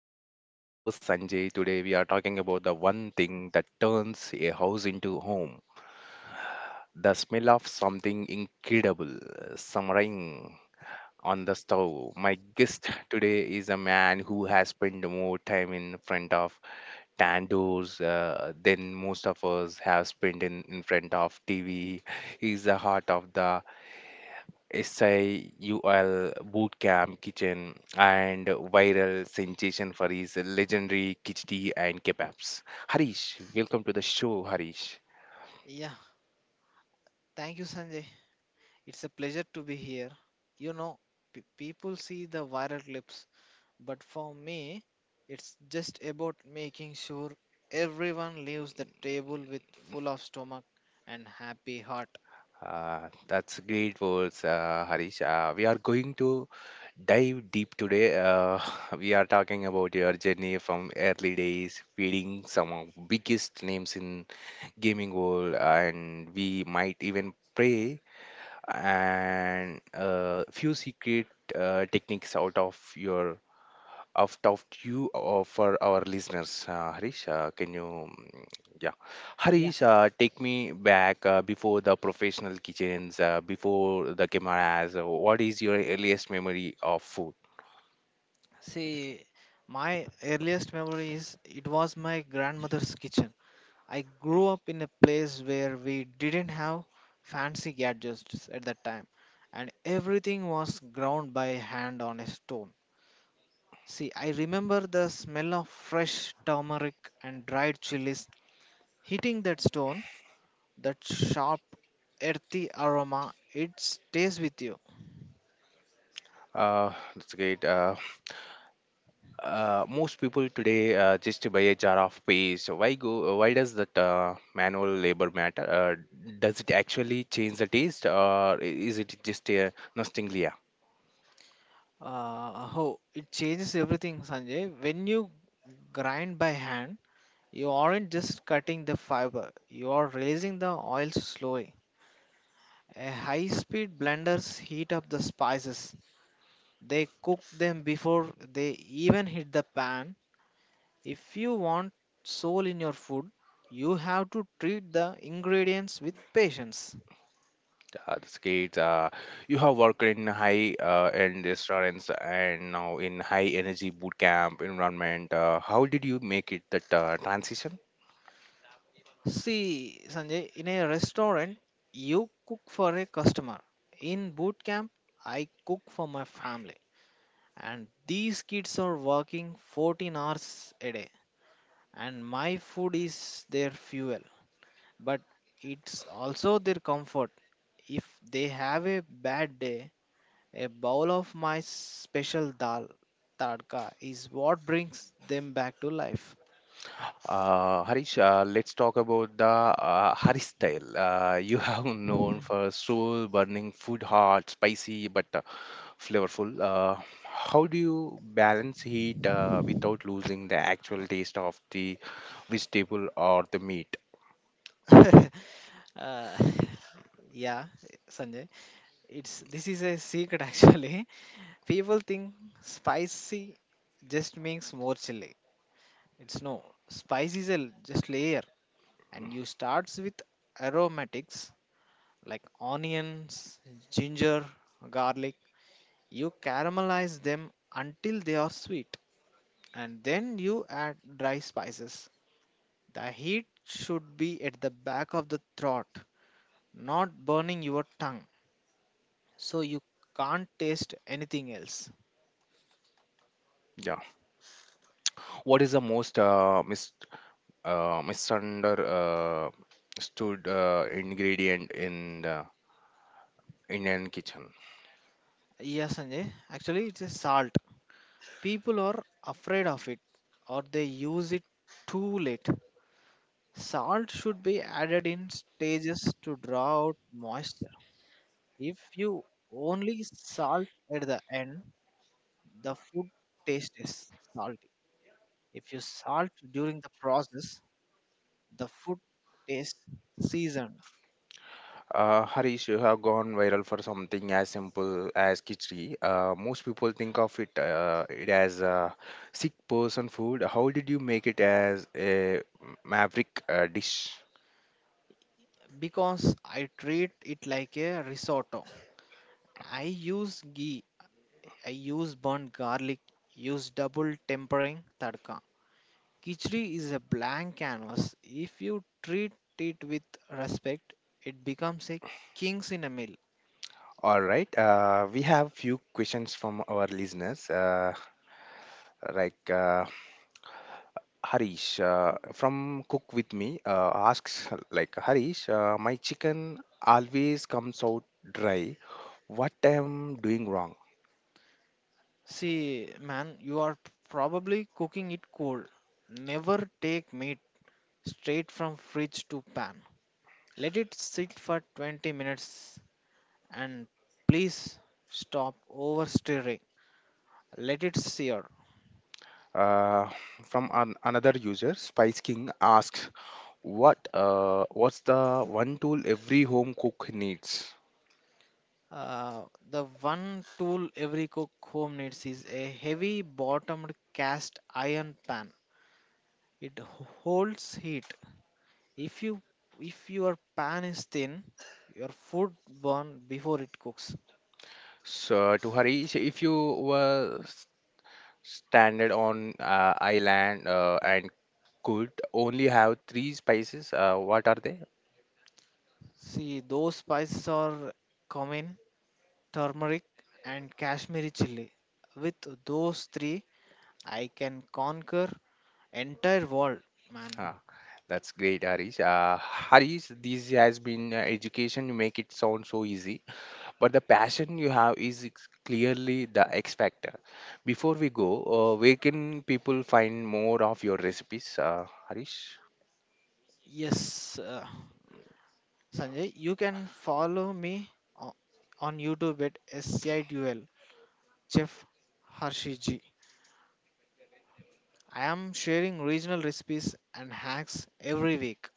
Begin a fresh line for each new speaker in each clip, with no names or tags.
Route. I'm your host Sanjay. Today we are talking about the one thing that turns a house into home. The smell of something incredible, simmering on the stove. My guest today is a man who has spent more time in front of tandoors than most of us have spent in front of TV. He's the heart of the SIUL Bootcamp Kitchen and viral sensation for his legendary khichdi and kebabs. Harish, welcome to the show, Harish.
Yeah, thank you, Sanjay. It's a pleasure to be here. You know, people see the viral clips, but for me, it's just about making sure everyone leaves the table with full of stomach and happy heart.
That's great words, Harish. We are going to dive deep today. We are talking about your journey from early days, feeding some of biggest names in gaming world, and we might even pray and few secret techniques out of you, for our listeners. Harish, can you? Yeah,
Yeah,
Harish, take me back before the professional kitchens, before the cameras. What is your earliest memory of food?
see, my earliest memory is it was my grandmother's kitchen. I grew up in a place where we didn't have fancy gadgets at that time, and everything was ground by hand on a stone. See, I remember the smell of fresh turmeric and dried chilies hitting that stone, that sharp, earthy aroma. It stays with you.
That's great. Most people today just buy a jar of paste. Why go? Why does that manual labor matter? Does it actually change the taste, or is it just a nostalgia?
Oh, it changes everything, Sanjay. When you grind by hand, you aren't just cutting the fiber, you are releasing the oil slowly. A high speed blenders heat up the spices. They cook them before they even hit the pan. If you want soul in your food, you have to treat the ingredients with patience.
The kids, you have worked in high end restaurants and now in high energy boot camp environment. How did you make it that transition?
See, Sanjay, in a restaurant, you cook for a customer. In boot camp, I cook for my family. And these kids are working 14 hours a day. And my food is their fuel. But it's also their comfort. If they have a bad day, a bowl of my special dal tadka is what brings them back to life.
Harish, let's talk about the Harish style. You have known for soul burning, food hot, spicy, but flavorful. How do you balance heat without losing the actual taste of the vegetable or the meat?
uh, yeah, Sanjay, it's this is a secret actually. People think spicy just means more chili. It's no. Spice is just layer, and you starts with aromatics like onions, ginger, garlic. You caramelize them until they are sweet and then you add dry spices. The heat should be at the back of the throat, not burning your tongue, so you can't taste anything else.
Yeah. What is the most misunderstood, ingredient in the Indian kitchen?
Yes, Sanjay, actually, it is salt. People are afraid of it or they use it too late. Salt should be added in stages to draw out moisture. If you only salt at the end, the food taste is salty. If you salt during the process, the food tastes seasoned
Harish, you have gone viral for something as simple as khichdi. Most people think of it as a sick person food. How did you make it as a maverick dish?
because I treat it like a risotto. I use ghee, I use burnt garlic, use double tempering tadka. Kichdi is a blank canvas. If you treat it with respect, it becomes a king's in a meal.
All right. We have few questions from our listeners. Like Harish from Cook with Me asks, like Harish, my chicken always comes out dry. What I am doing wrong?
See, man, you are probably cooking it cold. Never take meat straight from fridge to pan. Let it sit for 20 minutes and please stop overstirring. Let it sear.
Uh, from another user, Spice King asks, "What's the one tool every home cook needs?"
Uh, the one tool every cook home needs is a heavy bottomed cast iron pan. It holds heat. If you if your pan is thin, your food burn before it cooks.
So, to Harish, if you were stranded on island and could only have three spices, what are they?
See those spices are cumin, turmeric, and Kashmiri chili. With those three, I can conquer entire world, man.
Ah, that's great, Harish. Harish, this has been education. You make it sound so easy, but the passion you have is clearly the X factor. Before we go, where can people find more of your recipes, Harish?
Yes, Sanjay, you can follow me o- on YouTube at SCIDUL Chef Harshi G. I am sharing regional recipes and hacks every week.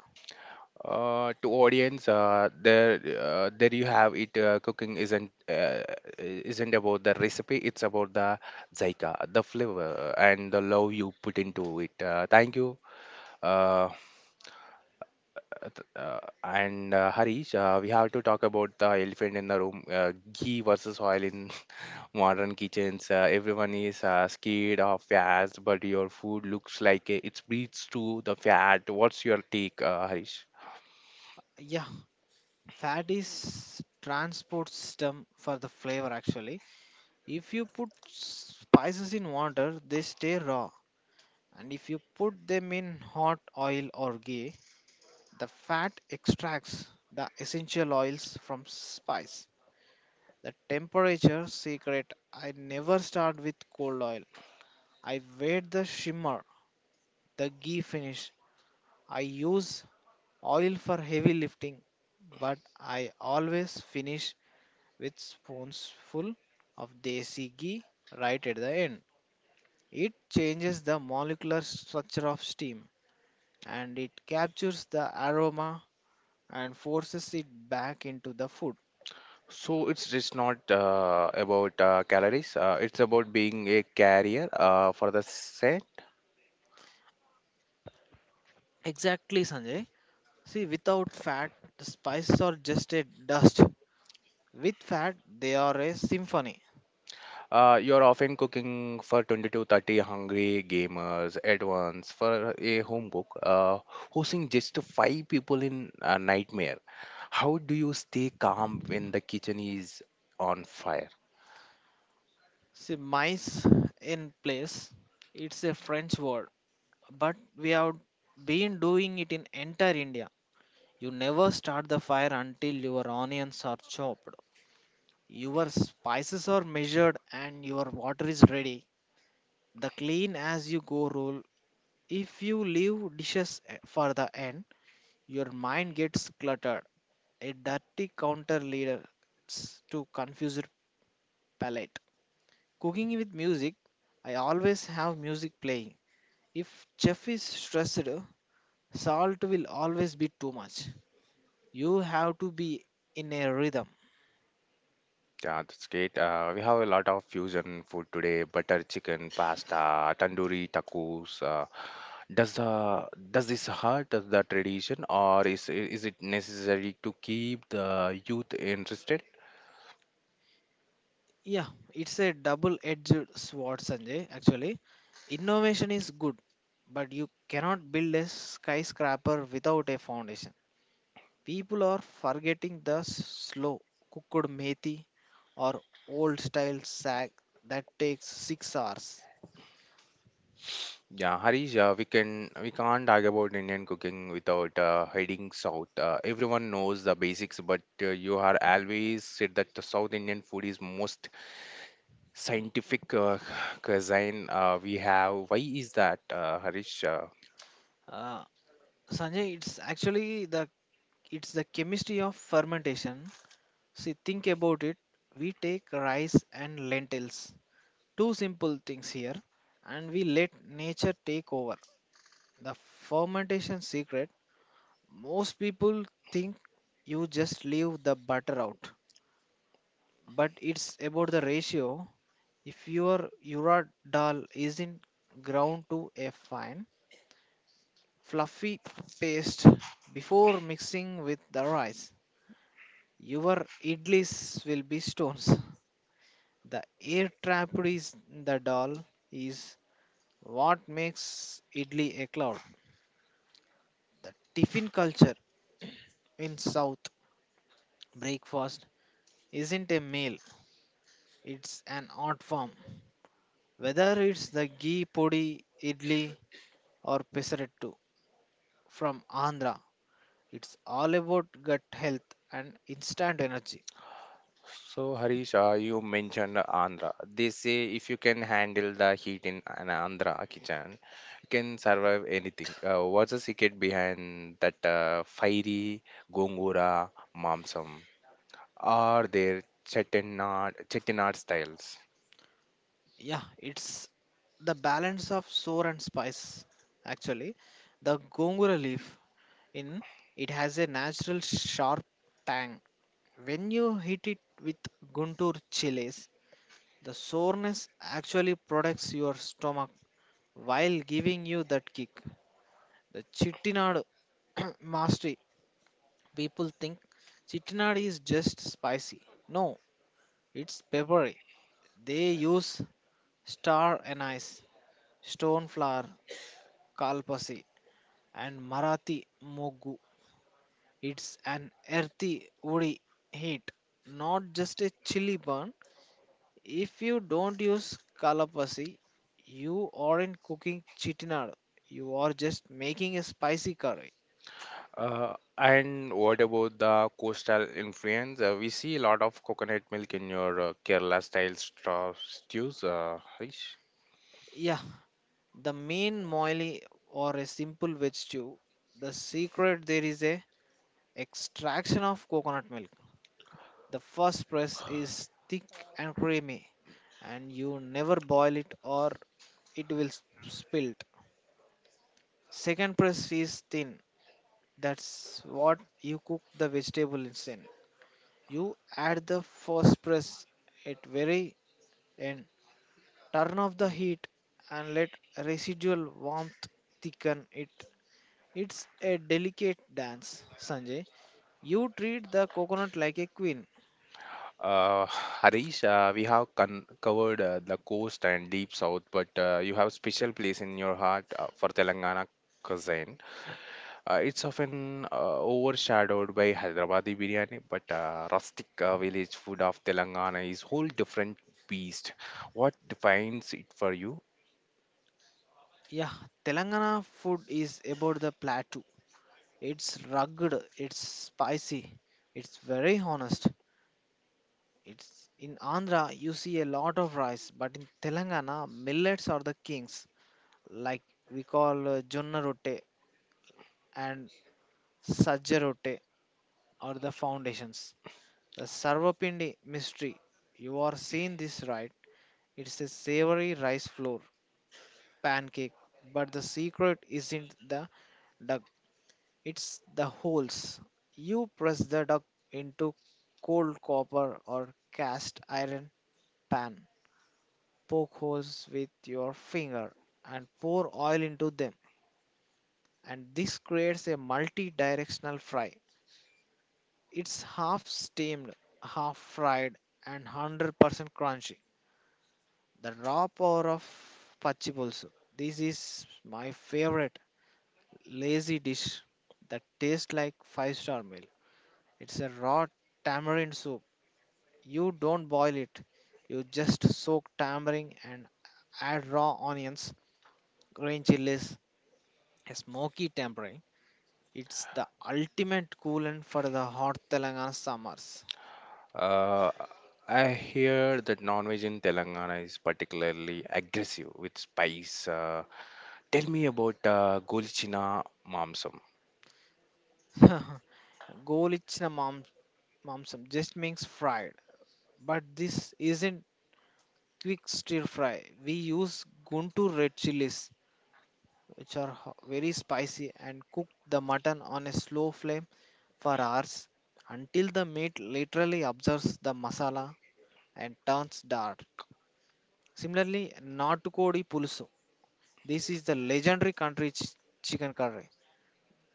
To audience, there you have it. Cooking isn't about the recipe; it's about the zyka, the flavor, and the love you put into it. Thank you, uh, and Harish. We have to talk about the elephant in the room: ghee versus oil in modern kitchens. Everyone is scared of fads, but your food looks like it breathes to the fat. What's your take, Harish?
Yeah, fat is transport system for the flavor actually. If you put spices in water, they stay raw, and if you put them in hot oil or ghee, the fat extracts the essential oils from spice. The temperature secret: I never start with cold oil. I wait the shimmer, the ghee finish. I use oil for heavy lifting, but I always finish with spoonsful of desi ghee right at the end. It changes the molecular structure of steam and it captures the aroma and forces it back into the food.
So it's just not about calories. It's about being a carrier for the set.
Exactly, Sanjay. See, without fat, the spices are just a dust. With fat, they are a symphony.
You're often cooking for 20 to 30 hungry gamers at once. For a home cook, hosting just five people in a nightmare. How do you stay calm when the kitchen is on fire?
See, mice in place, it's a French word, but we have been doing it in entire India. You never start the fire until your onions are chopped, your spices are measured, and your water is ready. The clean as you go rule. If you leave dishes for the end, your mind gets cluttered. A dirty counter leads to confused palate. Cooking with music, I always have music playing. If chef is stressed, salt will always be too much. You have to be in a rhythm.
Yeah, that's great. We have a lot of fusion food today: butter chicken, pasta, tandoori tacos. Does the does this hurt the tradition, or is it necessary to keep the youth interested?
Yeah, it's a double edged sword, Sanjay. Actually, innovation is good, but you cannot build a skyscraper without a foundation. People are forgetting the slow cooked methi or old style sag that takes 6 hours.
Yeah, Harish, we can't talk about Indian cooking without heading south. Everyone knows the basics, but you are always said that the South Indian food is most scientific cuisine we have. Why is that, Harish?
Uh, Sanjay, it's actually the it's the chemistry of fermentation. See, think about it. We take rice and lentils, two simple things here, and we let nature take over. The fermentation secret: most people think you just leave the butter out, but it's about the ratio. If your urad dal isn't ground to a fine, fluffy paste before mixing with the rice, your idlis will be stones. The air trap is the doll is what makes idli a cloud. The tiffin culture in South breakfast isn't a meal; it's an art form. Whether it's the ghee podi idli or pesarettu from Andhra, it's all about gut health and instant energy.
So, Harish, you mentioned Andhra. They say if you can handle the heat in an Andhra kitchen, you can survive anything. What's the secret behind that fiery gongura mamsam? Are there chettinad styles?
Yeah, it's the balance of sour and spice. Actually, the gongura leaf in it has a natural sharp tang. When you hit it with guntur chiles, the soreness actually protects your stomach while giving you that kick. The chittinad mastery: people think chittinad is just spicy. No, it's peppery. They use star anise, stone flower, kalpasi, and marathi mogu. It's an earthy, woody heat, not just a chili burn. If you don't use kalapasi, you aren't cooking chitinad. You are just making a spicy curry.
And what about the coastal influence? We see a lot of coconut milk in your Kerala style stews, Harish.
Yeah, the main moily or a simple veg stew. The secret there is a extraction of coconut milk. The first press is thick and creamy, and you never boil it or it will spilt. Second press is thin. That's what you cook the vegetables in. You add the phosphorus at very end. Turn off the heat and let residual warmth thicken it. It's a delicate dance, Sanjay. You treat the coconut like a queen.
Uh, Harish, we have con covered the coast and deep south, but you have special place in your heart for Telangana cuisine. It's often overshadowed by Hyderabadi biryani, but rustic village food of Telangana is whole different beast. What defines it for you?
Yeah, Telangana food is about the plateau. It's rugged, it's spicy, it's very honest. It's in Andhra you see a lot of rice, but in Telangana millets are the kings. Like we call Jonna Rote and Sajja Rote are the foundations. The Sarvapindi mystery, you are seeing this right, it's a savory rice flour pancake, but the secret isn't the duck, it's the holes. You press the duck into cold copper or cast iron pan, poke holes with your finger, and pour oil into them, and this creates a multi directional fry. It's half steamed, half fried, and 100% crunchy. The raw power of pachi pulsu. This is my favorite lazy dish that tastes like five-star meal. It's a raw tamarind soup. You don't boil it. You just soak tamarind and add raw onions, green chilies, a smoky tempering. It's the ultimate coolant for the hot Telangana summers.
Uh, I hear that non-veg in Telangana is particularly aggressive with spice. Tell me about Golchina Mamsam.
గోలిచ్చిన మాంసం Mamsam just means fried, but this isn't quick stir fry. We use Guntur red chilies, which are very spicy, and cook the mutton on a slow flame for hours until the meat literally absorbs the masala and turns dark. Similarly, Natukodi Pulusu. This is the legendary country chicken curry.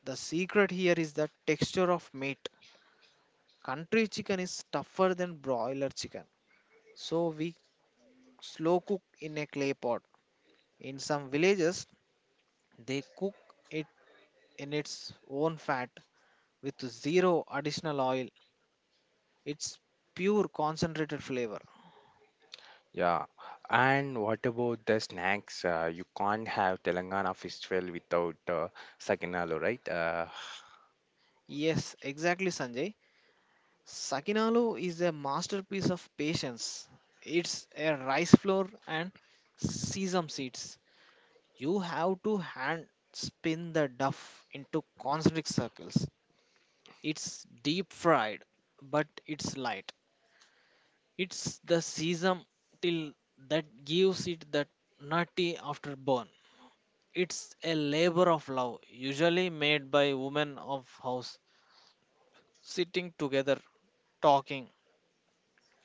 The secret here is the texture of meat. Country chicken is tougher than broiler chicken. So we slow cook in a clay pot. In some villages, they cook it in its own fat with zero additional oil. It's pure concentrated flavor.
Yeah, and what about the snacks? You can't have Telangana festival without Saginalo, right?
Yes, exactly, Sanjay. Sakinalu is a masterpiece of patience. It's a rice flour and sesame seeds. You have to hand spin the duff into concentric circles. It's deep fried, but it's light. It's the sesame till that gives it that nutty afterburn. It's a labor of love, usually made by women of house, sitting together, talking,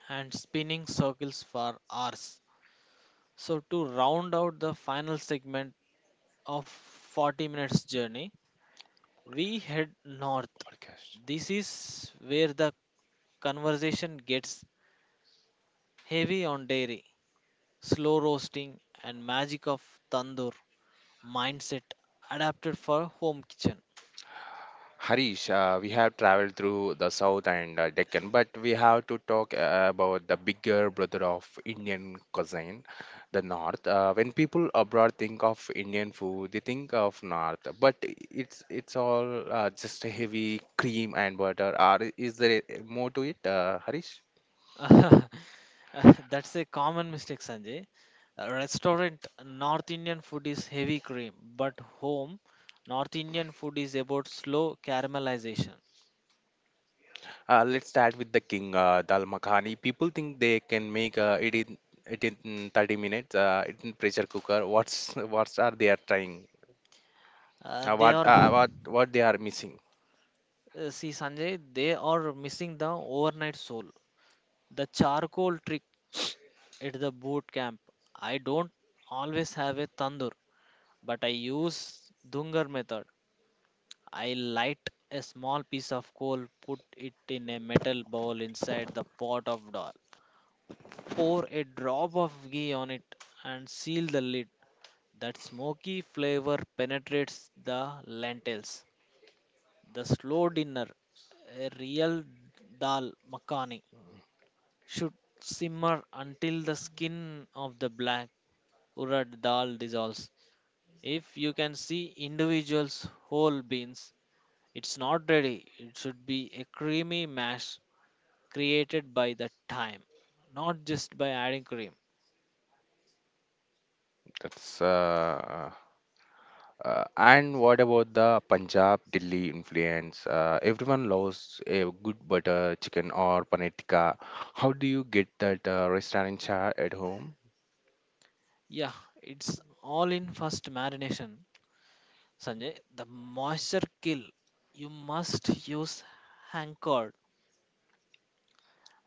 and spinning circles for hours. So, to round out the final segment of 40 minutes journey, we head north.
Podcast.
This is where the conversation gets heavy on dairy, slow roasting, and magic of tandoor. Mindset adapted for home kitchen.
Harish, we have traveled through the south and Deccan, but we have to talk about the bigger brother of Indian cuisine, the north. When people abroad think of Indian food, they think of north, but it's all just a heavy cream and butter. Or is there more to it, Harish?
That's a common mistake, Sanjay. A Restaurant North Indian food is heavy cream, but home North Indian food is about slow caramelization.
Let's start with the king, Dal Makhani. People think they can make it in 30 minutes. It in pressure cooker. What's What are they are trying?
Uh, they
What
are,
uh,
uh,
what what they are missing?
See, Sanjay, they are missing the overnight soul, the charcoal trick at the boot camp. I don't always have a tandoor, but I use Dungar method. I light a small piece of coal, put it in a metal bowl inside the pot of dal. Pour a drop of ghee on it and seal the lid. That smoky flavor penetrates the lentils. The slow dinner, a real dal makhani, should simmer until the skin of the black urad dal dissolves. If you can see individuals whole beans, it's not ready. It should be a creamy mash created by the time, not just by adding cream.
That's And what about the Punjab Delhi influence? Everyone loves a good butter chicken or paneer tikka. How do you get that restaurant chart at home?
Yeah, it's all in first marination. Sanjay, the moisture kill. You must use anchored.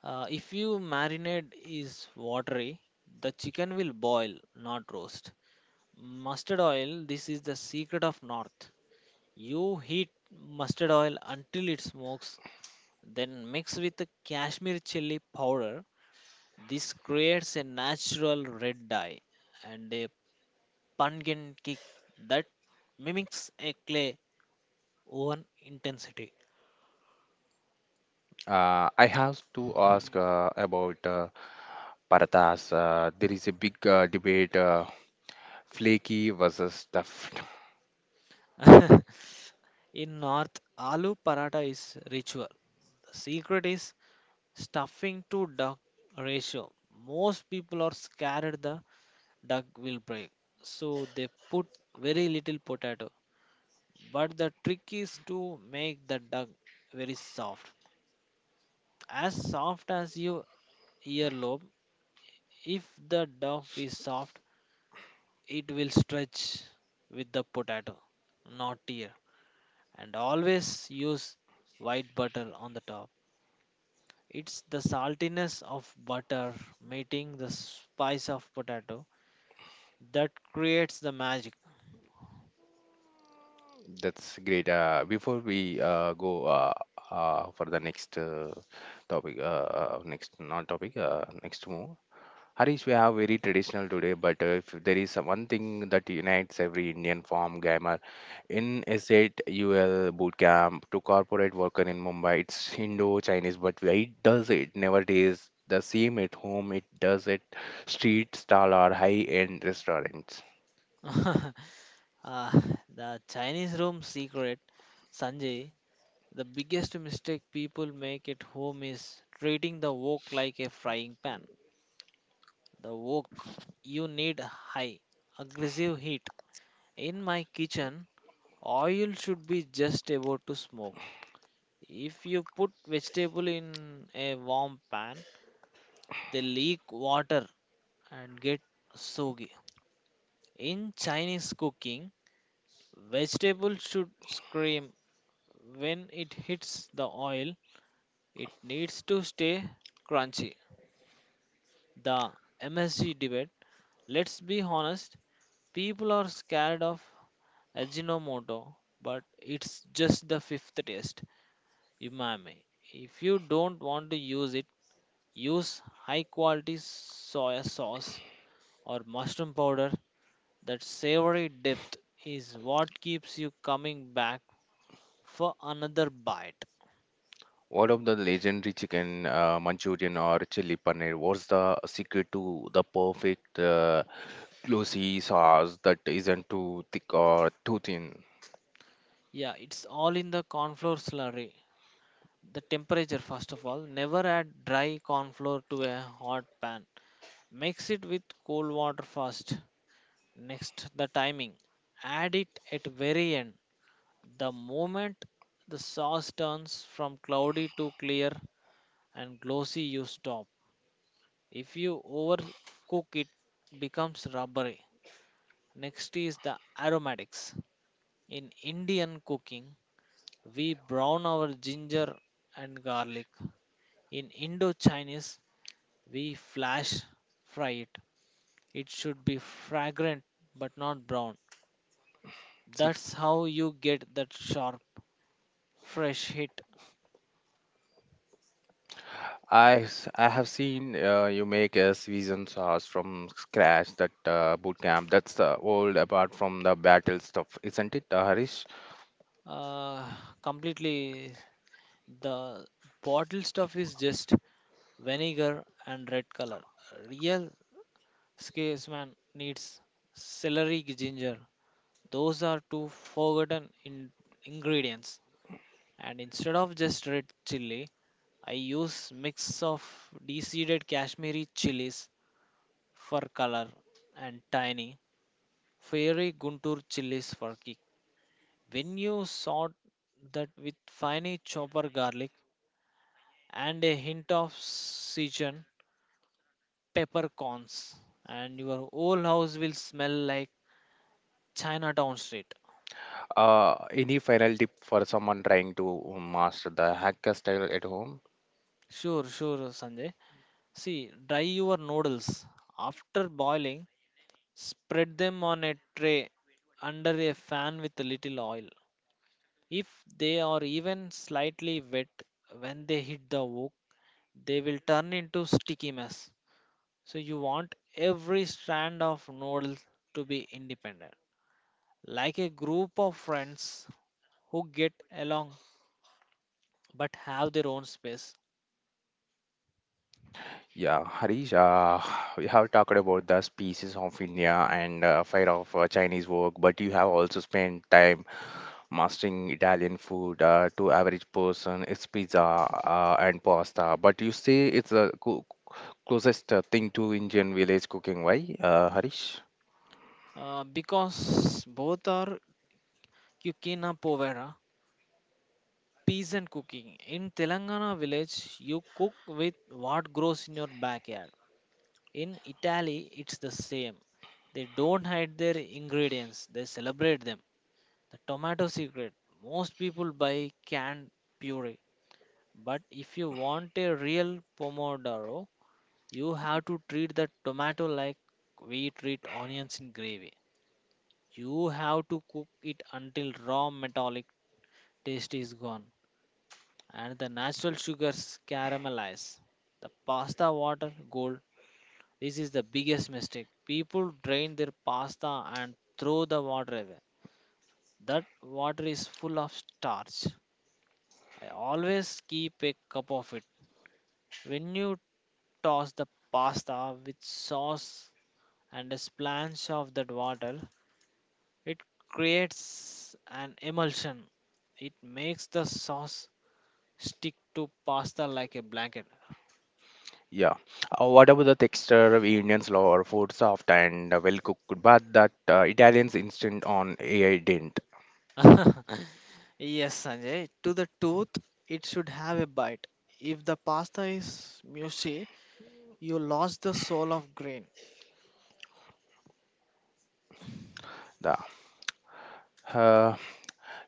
If you marinade is watery, the chicken will boil, not roast. Mustard oil, this is the secret of North. You heat mustard oil until it smokes, then mix with the Kashmir chili powder. This creates a natural red dye and a pumpkin kick that mimics a clay oven intensity.
I have to ask about parathas. There is a big debate. Flaky versus stuffed.
In North, aloo paratha is ritual. The secret is stuffing to duck ratio. Most people are scared the duck will break, so they put very little potato. But the trick is to make the duck very soft as your earlobe. If the duck is soft, it will stretch with the potato, not tear. And always use white butter on the top. It's the saltiness of butter meeting the spice of potato that creates the magic.
That's great. Before we go for the next topic, next non-topic, next move. Harish, we are very traditional today, but if there is one thing that unites every Indian farm gamer in estate UL boot camp to corporate worker in Mumbai, it's Indo-Chinese, but it never tastes the same at home. It does at street stall or high-end restaurants.
Ah, the Chinese room secret, Sanjay. The biggest mistake people make at home is treating the wok like a frying pan. The wok, you need high, aggressive heat. In my kitchen, oil should be just about to smoke. If you put vegetable in a warm pan, they leak water and get soggy. In Chinese cooking, vegetable should scream when it hits the oil. It needs to stay crunchy. The MSG debate, let's be honest, people are scared of Ajinomoto, but it's just the fifth test, umami. If you don't want to use it, use high quality soy sauce or mushroom powder. That savory depth is what keeps you coming back for another bite.
What of the legendary chicken Manchurian or chili paneer? What's the secret to the perfect glossy sauce that isn't too thick or too thin?
Yeah, it's all in the cornflour slurry. The temperature, first of all, never add dry cornflour to a hot pan. Mix it with cold water first. Next, the timing, add it at very end. The moment the sauce turns from cloudy to clear and glossy, you stop. If you overcook it, becomes rubbery. Next is the aromatics. In indian cooking, we brown our ginger and garlic. In indo chinese, we flash fry it. It should be fragrant but not brown.
Sixth,
That's how you get that sharp fresh hit.
I have seen you make a seasoned sauce from scratch that boot camp. That's the old apart from the battle stuff, isn't it, Harish?
uh, Completely. The bottle stuff is just vinegar and red color. Real scaseman needs celery, ginger, those are two forgotten ingredients. And instead of just red chili, I use mix of deseeded kashmiri chilies for color, and tiny fiery guntur chilies for kick. When you sort that with finely chopper garlic and a hint of Sichuan peppercorns, and your whole house will smell like Chinatown street.
Any final tip for someone trying to master the hacker style at home?
Sure, sure, Sanjay. See, dry your noodles. After boiling, spread them on a tray under a fan with a little oil. If they are even slightly wet when they hit the wok, they will turn into sticky mess. So you want every strand of noodle to be independent, like a group of friends who get along but have their own space.
Yeah, Harish, we have talked about the species of India and fire of Chinese work, but you have also spent time mastering Italian food. To average person, it's pizza and pasta, but you say it's the closest thing to Indian village cooking. Why, Harish?
Because both are Kukina Povera, peas and cooking. In Telangana village, you cook with what grows in your backyard. In Italy, it's the same. They don't hide their ingredients, they celebrate them. The tomato secret, most people buy canned puree. But if you want a real pomodoro, you have to treat the tomato like we treat onions in gravy. You have to cook it until raw metallic taste is gone and the natural sugars caramelize. The pasta water gold. This is the biggest mistake. People drain their pasta and throw the water away. That water is full of starch. I always keep a cup of it. When you toss the pasta with sauce and a splash of that water, it creates an emulsion. It makes the sauce stick to pasta like a blanket.
Yeah. What about the texture of Indians love or food soft and well cooked, but that Italians instant on AI didn't.
Yes, Sanjay, to the tooth, it should have a bite. If the pasta is mushy, you lost the soul of grain.
The uh,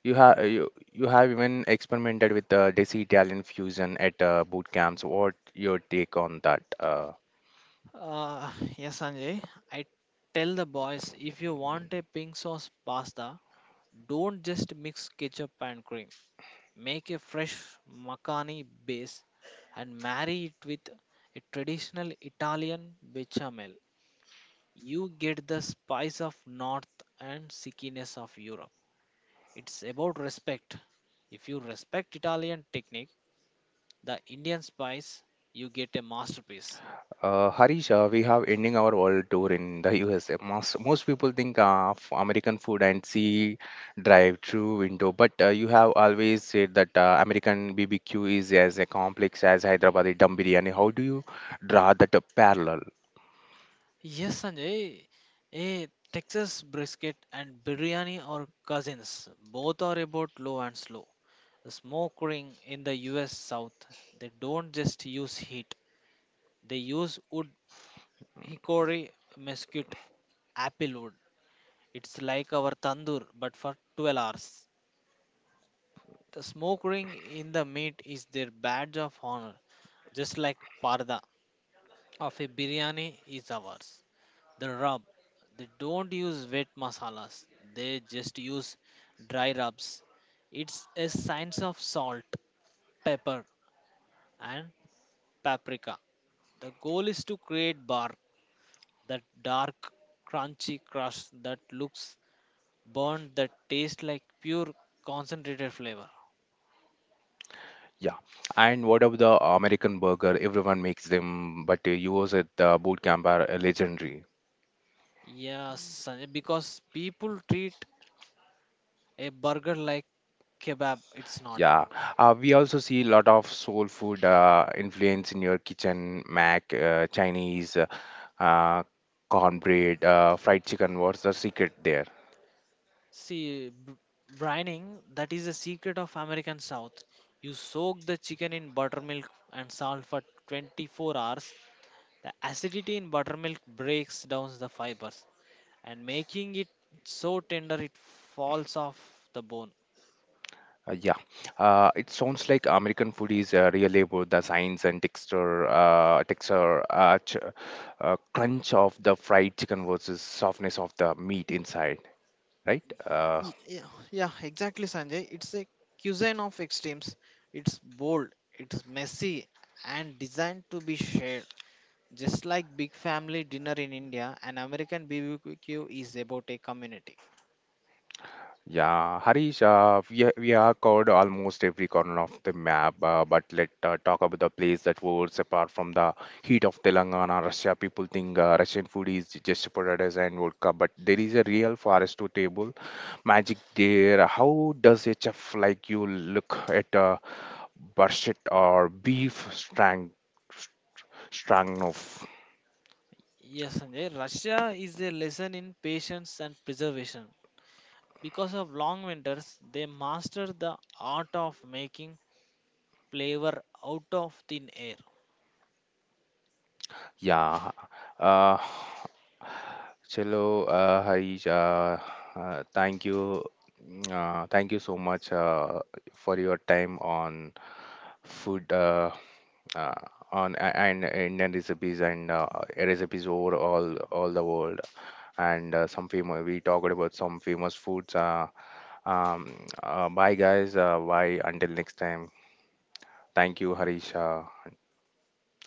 You you have even experimented with Desi Italian fusion at boot camps. What your take on that?
Uh, yes, Sanjay, I tell the boys if you want a pink sauce pasta, don't just mix ketchup and cream. Make a fresh makhani base and marry it with a traditional Italian bechamel. You get the spice of north and sickiness of Europe. It's about respect. If you respect Italian technique, the Indian spice, you get a masterpiece.
Harish, we have ending our world tour in the USA. Most people think of American food and see drive-through window, but you have always said that American BBQ is as a complex as Hyderabadi dum biryani. How do you draw that parallel?
Yes, Sanjay. A Texas brisket and biryani are cousins. Both are about low and slow. The smoking in the US South, they don't just use heat, they use wood, hickory, mesquite, apple wood. It's like our tandoor, but for 12 hours. The smoke ring in the meat is their badge of honor, just like parda of a biryani is ours. The rub, they don't use wet masalas, they just use dry rubs. It's a science of salt, pepper, and paprika. The goal is to create bark, that dark, crunchy crust that looks burnt, that tastes like pure concentrated flavor.
Yeah. And what about the American burger? Everyone makes them, but yours at the boot camp are legendary.
Yes, Sanjay, because people treat a burger like kebab, it's not.
Yeah, we also see a lot of soul food influence in your kitchen, Mac, Chinese, uh, cornbread, fried chicken. What's the secret there?
See, brining, that is the secret of American South. You soak the chicken in buttermilk and salt for 24 hours. The acidity in buttermilk breaks down the fibers and making it so tender it falls off the bone.
Yeah, it sounds like American food is really about the science and texture, texture, ch crunch of the fried chicken versus softness of the meat inside, right?
Yeah, exactly, Sanjay. It's a cuisine of extremes. It's bold, it's messy, and designed to be shared. Just like big family dinner in India, an American BBQ is about a community.
Yeah, Harish, we have covered almost every corner of the map, but let talk about the place that was apart from the heat of Telangana, Russia. People think Russian food is just potatoes and vodka, but there is a real forest to table magic there. How does a chef like you look at a burshet or beef strang stroganoff?
Yes, Sanjay, Russia is a lesson in patience and preservation. Because of long winters, they master the art of making flavor out of thin air.
Yeah. Uh, Hello, Harish. Thank you. Thank you so much for your time on food uh, and Indian recipes and recipes over all the world. And some famous we talked about some famous foods. Um, Bye guys. Bye until next time. Thank you, Harish.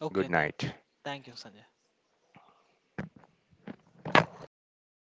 Okay,
Good
thank,
night.
Thank you, Sanjay.